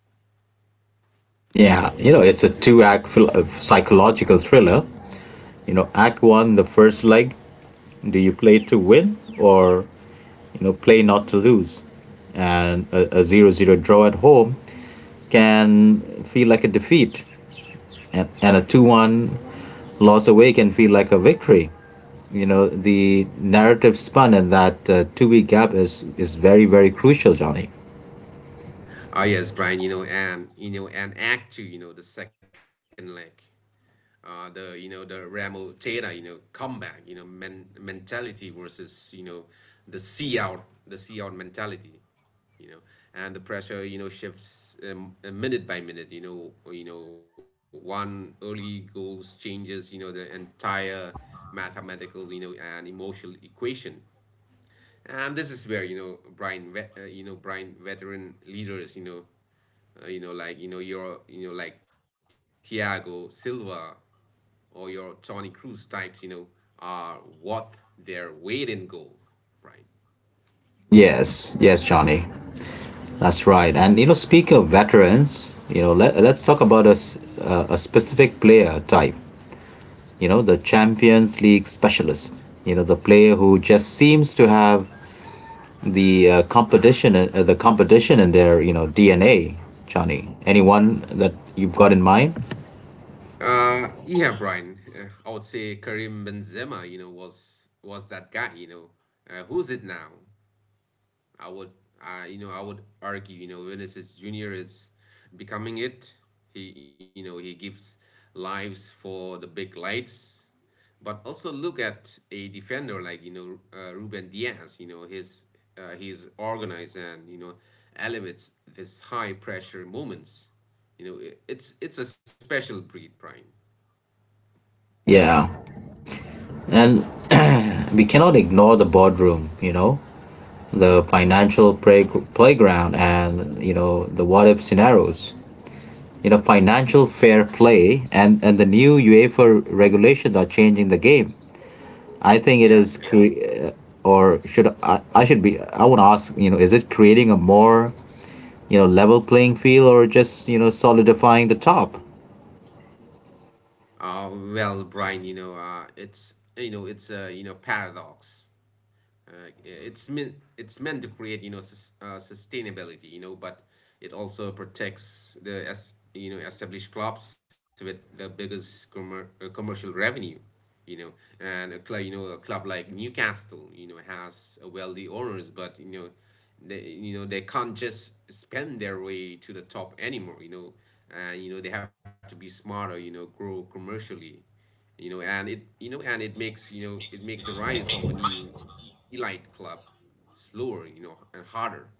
A: Yeah, you know it's a two-act phil- uh, psychological thriller. You know, Act One, the first leg, do you play to win or you know play not to lose? And a, a zero zero draw at home can feel like a defeat, and, and a two one loss away can feel like a victory. You know, the narrative spun in that uh, two-week gap is is very, very crucial, Johnny.
B: Ah yes, Brian, you know, and you know, and Act Two, you know, the second leg. Uh, the you know the Ramo Teta, you know, comeback, you know, men- mentality versus you know the see out, the see out mentality, you know, and the pressure you know, shifts um, uh, minute by minute. You know, or, you know, one early goals changes you know, the entire mathematical you know, and emotional equation, and this is where, you know Brian, ve- uh, you know, Brian veteran leaders, you know uh, you know, like you know your you know like Thiago Silva or your Tony Cruz types, you know, are worth their weight in gold, Brian.
A: Yes, yes, Johnny. That's right. And you know, speak of veterans, you know, let, let's talk about a s- uh, a specific player type. you know, the Champions League specialist, you know, the player who just seems to have the uh, competition, uh, the competition in their, you know, D N A. Johnny, anyone that you've got in mind?
B: Uh, yeah, Brian. Uh, I would say Karim Benzema you know, was was that guy. you know. Uh, who's it now? I would, I you know, I would argue you know, Vinicius Junior is becoming it. He, you know, he gives lives for the big lights. But also look at a defender like you know uh, Ruben Diaz. You know, his uh, He's organized and you know elevates this high pressure moments. You know, i- it's it's a special breed, Brian.
A: Yeah, and we cannot ignore the boardroom. You know, the financial play- playground, and you know the what-if scenarios. You know, financial fair play, and and the new UEFA regulations are changing the game. I think it
B: Yeah,
A: is,
B: yeah.
A: cre- uh, or should I? I should be. I want to ask. You know, is it creating a more you know level playing field, or just you know solidifying the top?
B: Uh, well, Brian, you know, uh, it's you know, it's a you know paradox. Uh, yeah, it's meant it's meant to create you know sus- uh, sustainability, you know but it also protects the as you know established clubs with the biggest commer- uh, commercial revenue, you know and a club you know a club like Newcastle you know has a wealthy owners, but you know they you know they can't just spend their way to the top anymore. You know and you know They have to be smarter, you know grow commercially. You know and it you know and it makes you know It makes the rise of a new e- elite club slower you know and harder.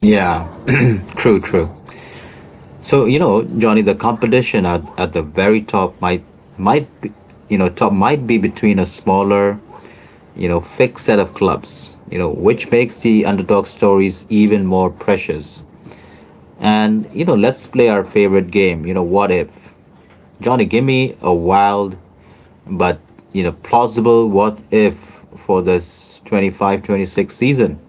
A: Yeah, <clears throat> true, true. So, you know, Johnny, the competition at, at the very top might might be, you know top might be between a smaller, you know, fixed set of clubs. You know, which makes the underdog stories even more precious. And, you know, let's play our favorite game. You know, what if, Johnny? Give me a wild but you know plausible what if for this twenty-five, twenty-six season.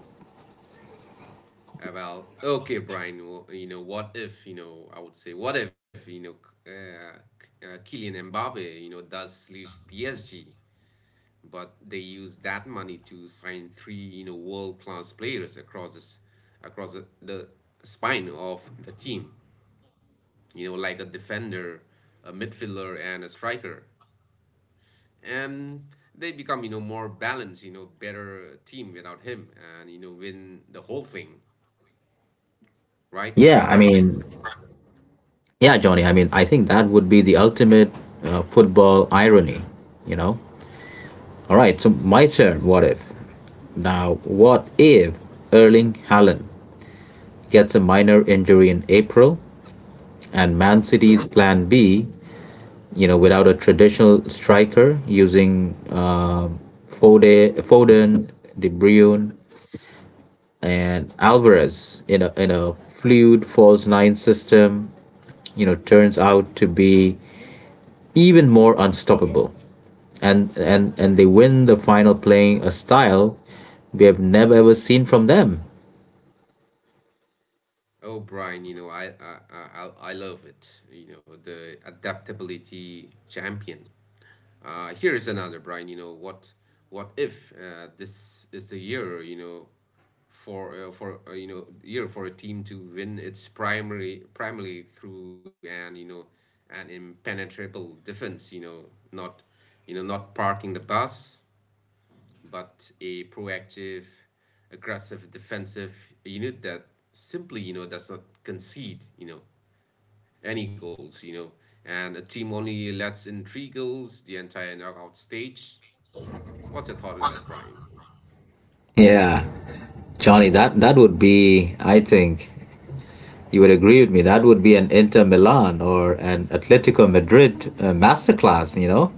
B: Uh, well, okay, Brian, well, you know what if you know I would say, what if you know K- uh, K- uh, Kylian Mbappe you know does leave P S G, but they use that money to sign three you know world class players across this across the, the spine of the team, you know like a defender, a midfielder, and a striker, and they become you know more balanced, you know better team without him, and you know win the whole thing, right,
A: Yeah, I
B: Brian?
A: mean. Yeah, Johnny, I mean, I think that would be the ultimate uh, football irony you know all right, so my turn. What if now what if Erling Haaland gets a minor injury in April, and Man City's plan B, you know without a traditional striker, using uh, Foden, Foden De Bruyne, and Alvarez in a in a fluid false nine system, you know, turns out to be even more unstoppable. And and and they win the final playing a style we have never ever seen from them.
B: Oh, Brian, you know i i i, I I love it, you know the adaptability champion. Uh, here is another, Brian. You know what? What if uh, this is the year, You know, for uh, for uh, you know year for a team to win its primary primarily through an you know an impenetrable defense. You know, not you know not parking the bus, but a proactive, aggressive defensive unit that simply you know does not concede you know any goals, You know, and a team only lets in three goals the entire knockout stage. What's your thought on that, Brian?
A: Yeah. Johnny, that that would be, I think, you would agree with me. That would be an Inter Milan or an Atletico Madrid uh, masterclass, you know?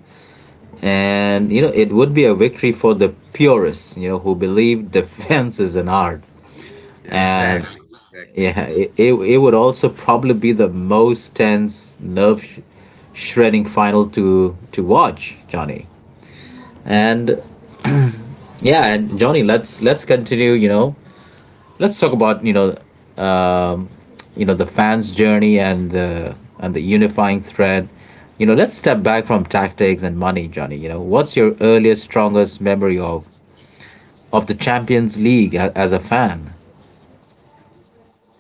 A: And, you know, it would be a victory for the purists, you know, who believe <laughs> defense is an art,
B: Yeah,
A: and
B: exactly, exactly.
A: yeah, it, it, it would also probably be the most tense, nerve sh- shredding final to to watch, Johnny. And yeah, and Johnny, let's let's continue. You know, let's talk about you know, um, you know the fans' journey and the and the unifying thread. You know, let's step back from tactics and money, Johnny. You know, what's your earliest, strongest memory of of the Champions League a- as a fan?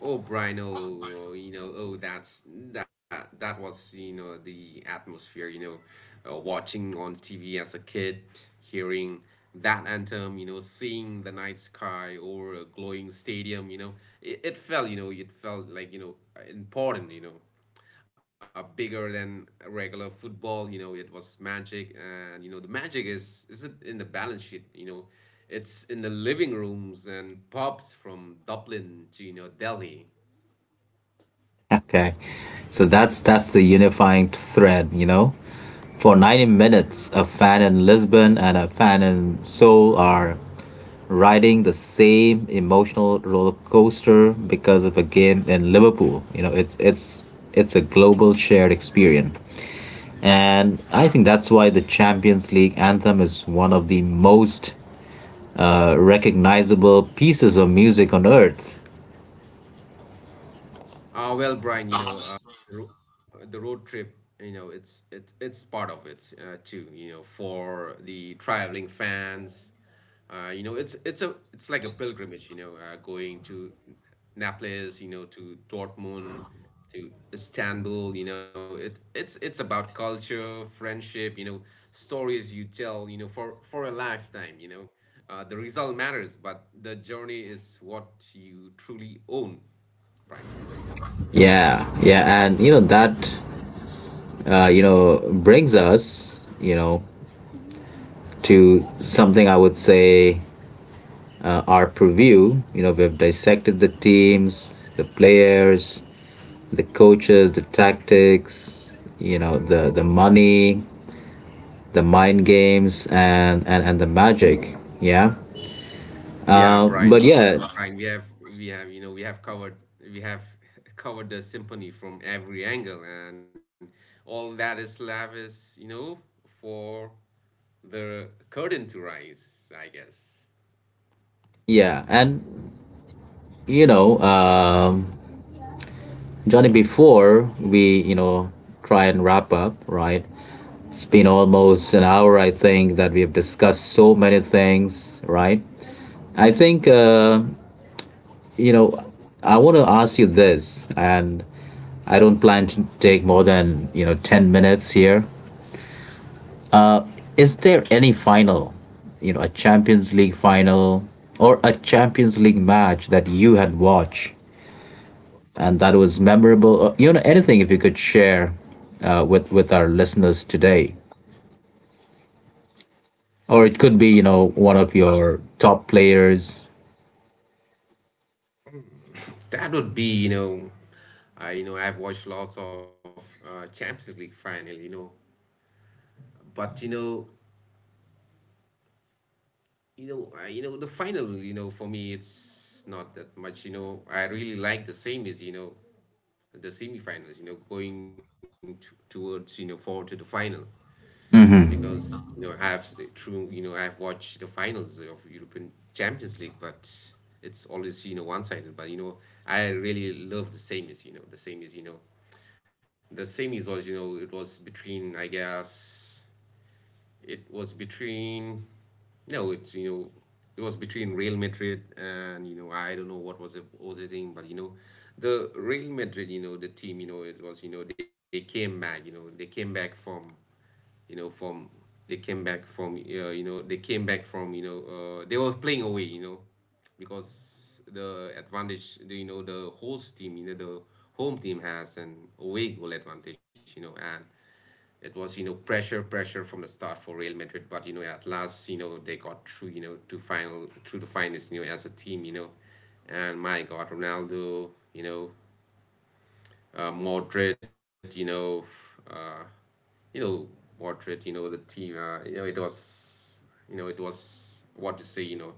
B: Oh, Brian, oh, oh, you know, oh, that's that that was you know, the atmosphere. You know, uh, watching on T V as a kid, hearing that anthem, you know, seeing the night sky over a glowing stadium, you know, it, it felt, you know, it felt like you know, important. you know. Uh, bigger than a regular football. You know, it was magic, and you know the magic is isn't in the balance sheet. You know, it's in the living rooms and pubs from Dublin to you know Delhi.
A: Okay. So that's that's the unifying thread, you know? For ninety minutes, a fan in Lisbon and a fan in Seoul are riding the same emotional roller coaster because of a game in Liverpool. You know, it's it's it's a global shared experience. And I think that's why the Champions League anthem is one of the most uh, recognizable pieces of music on earth.
B: Uh, well, Brian, you know, uh, the ro- the road trip, you know, it's it's it's part of it uh, too. You know, for the traveling fans, uh, you know, it's it's a it's like a pilgrimage. You know, uh, going to Naples, you know, to Dortmund, to Istanbul. You know, it it's it's about culture, friendship. You know, stories you tell, You know, for for a lifetime. You know, uh, the result matters, but the journey is what you truly own, Brian.
A: Yeah, yeah, and you know that uh, you know, brings us, you know, to something I would say, uh, our purview. You know, we have dissected the teams, the players, the coaches, the tactics, you know, the, the money, the mind games, and, and, and the magic. Yeah.
B: Yeah,
A: Uh, but
B: Brian, yeah.
A: yeah,
B: Brian, we have we have you know we have covered we have <laughs> covered the symphony from every angle, and all that is left is you know for the curtain to rise, I guess.
A: yeah. And, you know, um, Johnny, before we, you know, try and wrap up, right? It's been almost an hour, I think, that we have discussed so many things, right? I think, uh, you know, I want to ask you this, and I don't plan to take more than, you know, ten minutes here. Is there any final, you know, a Champions League final or a Champions League match that you had watched and that was memorable. Uh, You know, anything if you could share uh, with with our listeners today, or it could be you
B: Oh,
A: know one of your top players.
B: that would be you know, I you know I've watched lots of uh, Champions League final, you know, but you know you know uh, you know the final, you know for me, it's not that much. you know I really like the same as you know the semifinals, you know, going t- towards, you know, forward to the final, because, you know, I have true, you know, I have watched the finals of European Champions League, but it's always, you know, one-sided. But, you know, I really love the semis, you know, the semis, you know, the semis was, you know, it was between, I guess, it was between, no, it's you know, it was between Real Madrid and you know I don't know what was the was the thing, but you know, the Real Madrid, you know, the team, you know, it was you know they came back, you know, they came back from you know from they came back from uh, you know they came back from you know uh, they was playing away, you know, because the advantage, the, you know the host team, you know the home team has an away goal advantage, you know and it was you know pressure pressure from the start for Real Madrid, but you know at last you know they got through you know to final through the finals, you know as a team, you know and my God, Ronaldo, you know uh, Modric, you know uh, you know Modric, you know the team. Uh, you know it was, you know it was, what to say, you know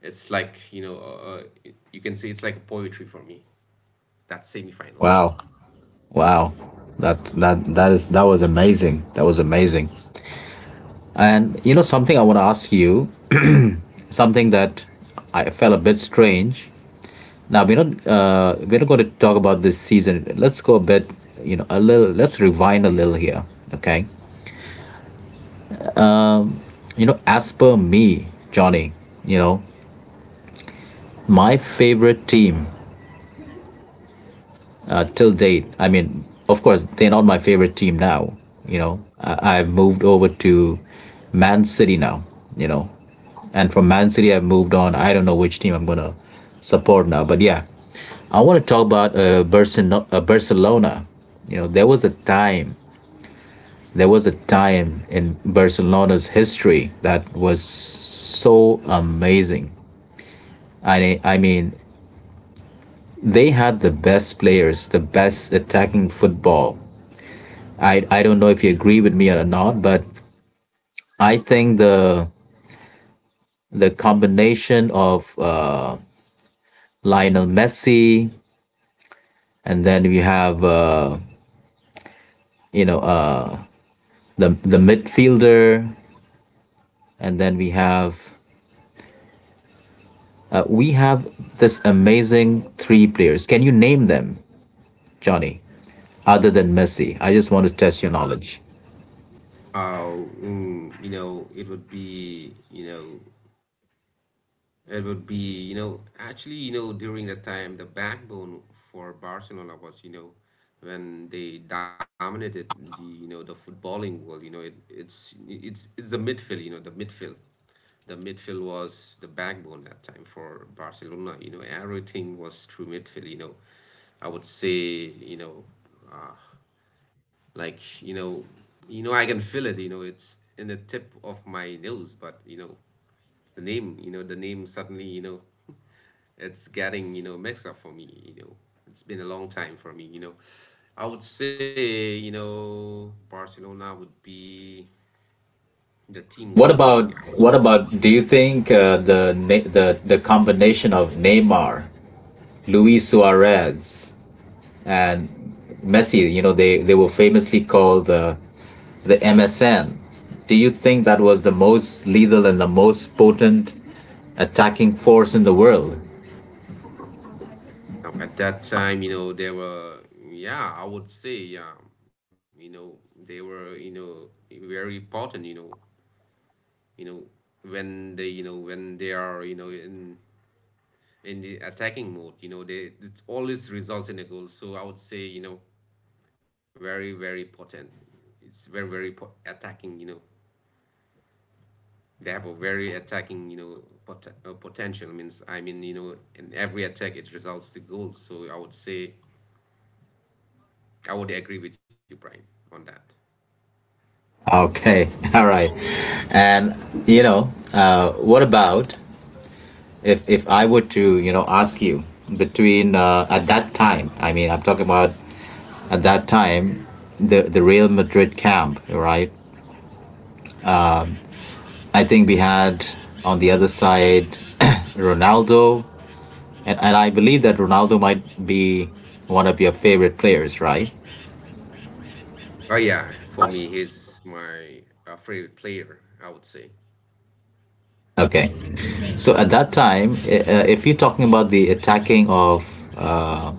B: it's like, you know uh, uh, you can say it's like a poetry for me, that semi final.
A: Wow, wow, that that that is that was amazing. That was amazing. And you know something I want to ask you, something that I felt a bit strange. Now we're not uh, we're not going to talk about this season. Let's go a bit, you know, a little. Let's rewind a little here, okay? You know, as per me, Johnny, you know, my favorite team uh, till date, I mean, of course, they're not my favorite team now. You know, I, I've moved over to Man City now, you know, and from Man City, I've moved on. I don't know which team I'm going to support now, but yeah, I want to talk about uh, Barcelona, uh, Barcelona. You know, there was a time, there was a time in Barcelona's history that was so amazing. I, I mean, they had the best players, the best attacking football. I, I don't know if you agree with me or not, but I think the the combination of uh, Lionel Messi, and then we have uh, you know uh, the the midfielder, and then we have uh, we have this amazing three players. Can you name them, Johnny? Other than Messi, I just want to test your knowledge.
B: How mm, you know it would be you know It would be, you know, actually, you know, during that time, the backbone for Barcelona was, you know, when they dominated the, you know, the footballing world, you know, it, it's it's it's the midfield, you know, the midfield. The midfield was the backbone that time for Barcelona. You know, everything was through midfield. you know. I would say, you know, uh, like, you know, you know, I can feel it, you know, it's in the tip of my nose, but you know, the name, you know, the name suddenly, you know, it's getting you know, mixed up for me. you know. It's been a long time for me. you know. I would say you know, Barcelona would be the team, would
A: What
B: be, I
A: about
B: would.
A: what about? Do you think uh, the na- the the combination of Neymar, Luis Suarez, and Messi? You know, they they were famously called the the M S N. Do you think that was the most lethal and the most potent attacking force in the world?
B: No, at that time, you know, they were, yeah, I would say, yeah, you know, they were, you know, very important. you know, you know, when they, you know, when they are, you know, in in the attacking mode, you know, they it always results in a goal. So I would say, you know, very very potent. It's very very po- attacking. You know, they have a very attacking You know, pot- uh, potential, means, I mean, you know in every attack it results to goals. So I would say I would agree with you, Brian, on that.
A: Okay, <laughs> all right. And you know, uh, what about if if I were to you know ask you between, uh, at that time? I mean, I'm talking about at that time, the the Real Madrid camp, right? I think we had on the other side, <clears throat> <coughs> Ronaldo, and, and I believe that Ronaldo might be one of your favorite players, right?
B: Oh yeah, for me, he's my uh, favorite player, I would say.
A: Okay, so at that time, uh, if you're talking about the attacking of uh,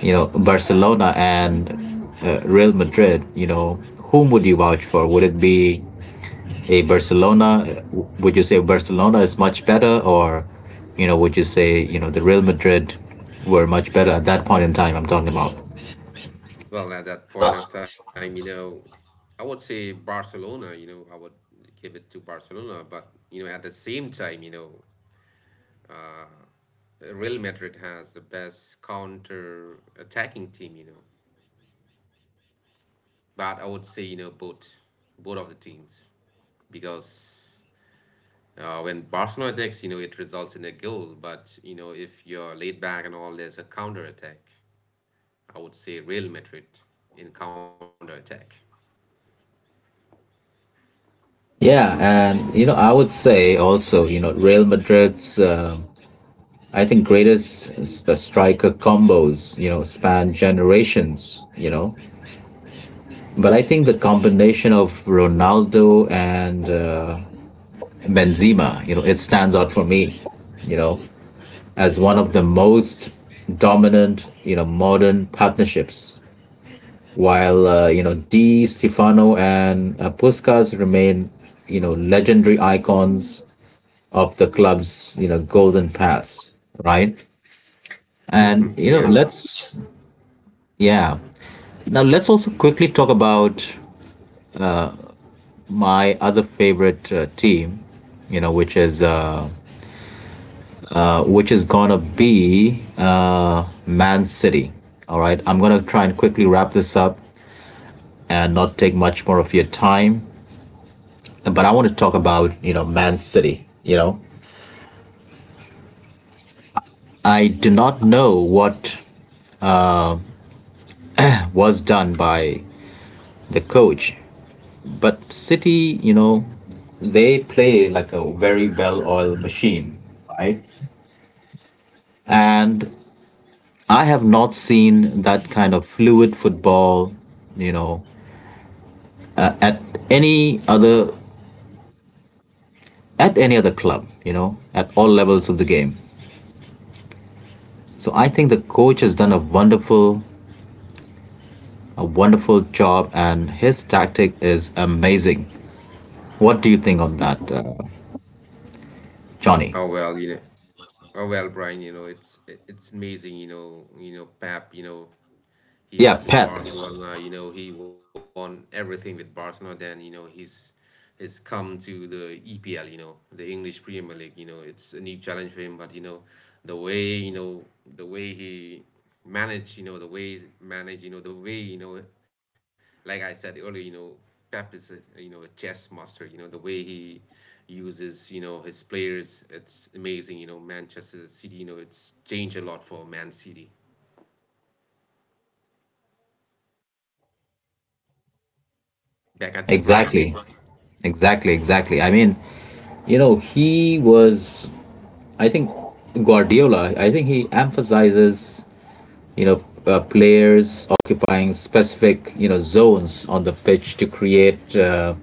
A: you know Barcelona and uh, Real Madrid, you know whom would you vouch for? Would it be a Barcelona? Would you say Barcelona is much better, or you know, would you say you know the Real Madrid were much better at that point in time? I'm talking about.
B: Well, at that point of time, you know, I would say Barcelona. You know, I would give it to Barcelona, but you know, at the same time, you know, Real Madrid has the best counter attacking team. you know. But I would say, you know, both both of the teams, because uh, when Barcelona attacks, you know, it results in a goal. But you know, if you're laid back and all, there's a counter attack. I would say Real Madrid in counter attack.
A: Yeah, and you know, I would say also, you know, Real Madrid's um I think greatest s- uh, striker combos, you know, span generations, you know. But I think the combination of Ronaldo and uh, Benzema, you know, it stands out for me, you know. As one of the most dominant, you know, modern partnerships. While uh, you know Di Stefano and uh, Puskas remain, you know, legendary icons of the club's you know golden past, right?
B: Hmm.
A: And you know,
B: Yeah.
A: let's yeah. Now let's also quickly talk about my other favorite uh, team, you know, which is uh, uh, which is gonna be uh, Man City. All right, I'm gonna try and quickly wrap this up, and not take much more of your time. But I want to talk about, you know, Man City. You know, I do not know what was done by the coach, but City, you know, they play like a very well oiled machine, right? And I have not seen that kind of fluid football, you know, uh, at any other at any other club, you know, at all levels of the game. So I think the coach has done a wonderful a wonderful job, and his tactic is amazing. What do you think on that, uh, Johnny?
B: Oh well, you know. Oh well, Brian. You know, it's it, it's amazing. You know, you know, Pep, You know,
A: Yeah,
B: he was in
A: Pep.
B: Barcelona, you know, he won everything with Barcelona. Then, you know, he's he's come to the E P L, you know, the English Premier League. You know, it's a new challenge for him, but you know, the way, you know, the way he managed, you know, the ways manage, you know, the way, you know, like I said earlier, you know, Pep is a, you know, a chess master. You know, the way he uses, you know, his players, it's amazing. you know, Manchester City, you know, it's changed a lot for Man City. Back at you, Brian.
A: Exactly. Exactly, exactly. I mean, you know, he was, I think, Guardiola, I think he emphasizes, you know, uh, players occupying specific, you know, zones on the pitch to create, uh,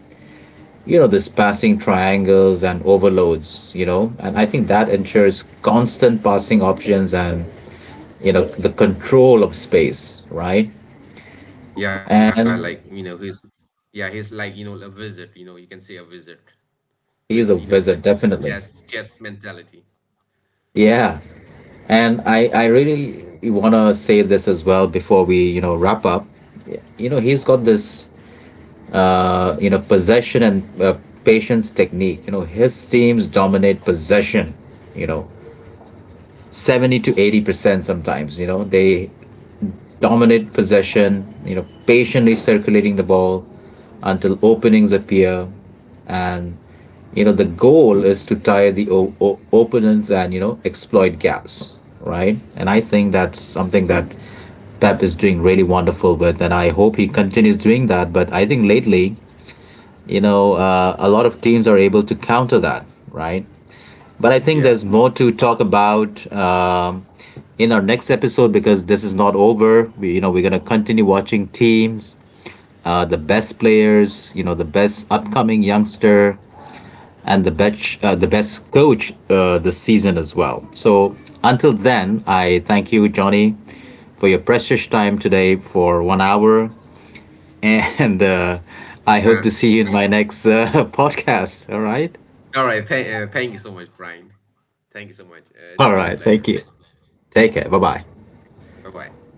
A: you know, this passing triangles and overloads, you know, and I think that ensures constant passing options and you know the control of space, right?
B: Yeah, like
A: And
B: you know, he's yeah, he's like, you know a wizard. You know, you can say a wizard with
A: he's
B: you
A: a
B: know with
A: wizard,
B: a chess
A: definitely.
B: chess mentality.
A: Yeah, and I I really want to say this as well before we you know wrap up. You know he's got this uh, you know possession and uh, patience technique. You know his teams dominate possession. You know seventy to eighty percent sometimes. You know they dominate possession, you know, patiently circulating the ball until openings appear. And, you know, the goal is to tire the o- o- opponents and, you know, exploit gaps, right? And I think that's something that Pep is doing really wonderful with. And I hope he continues doing that. But I think lately, you know, uh, a lot of teams are able to counter that, right? But I think there's
B: Yeah.
A: more to talk about um, in our next episode because this is not over. We, you know, we're gonna continue watching teams, uh, the best players, you know, the best upcoming youngster, and the best uh, the best coach uh, this season as well. So until then, I thank you, Johnny, for your precious time today for one hour, <laughs> and uh, I
B: Uh,
A: hope to see you in my next uh, <laughs> podcast. All right,
B: all right. Th uh, Thank you so much, Brian. Thank you so much. Uh,
A: all
B: it's been
A: right.
B: a
A: Thank
B: pleasure.
A: you. Take care. Bye bye.
B: Bye bye.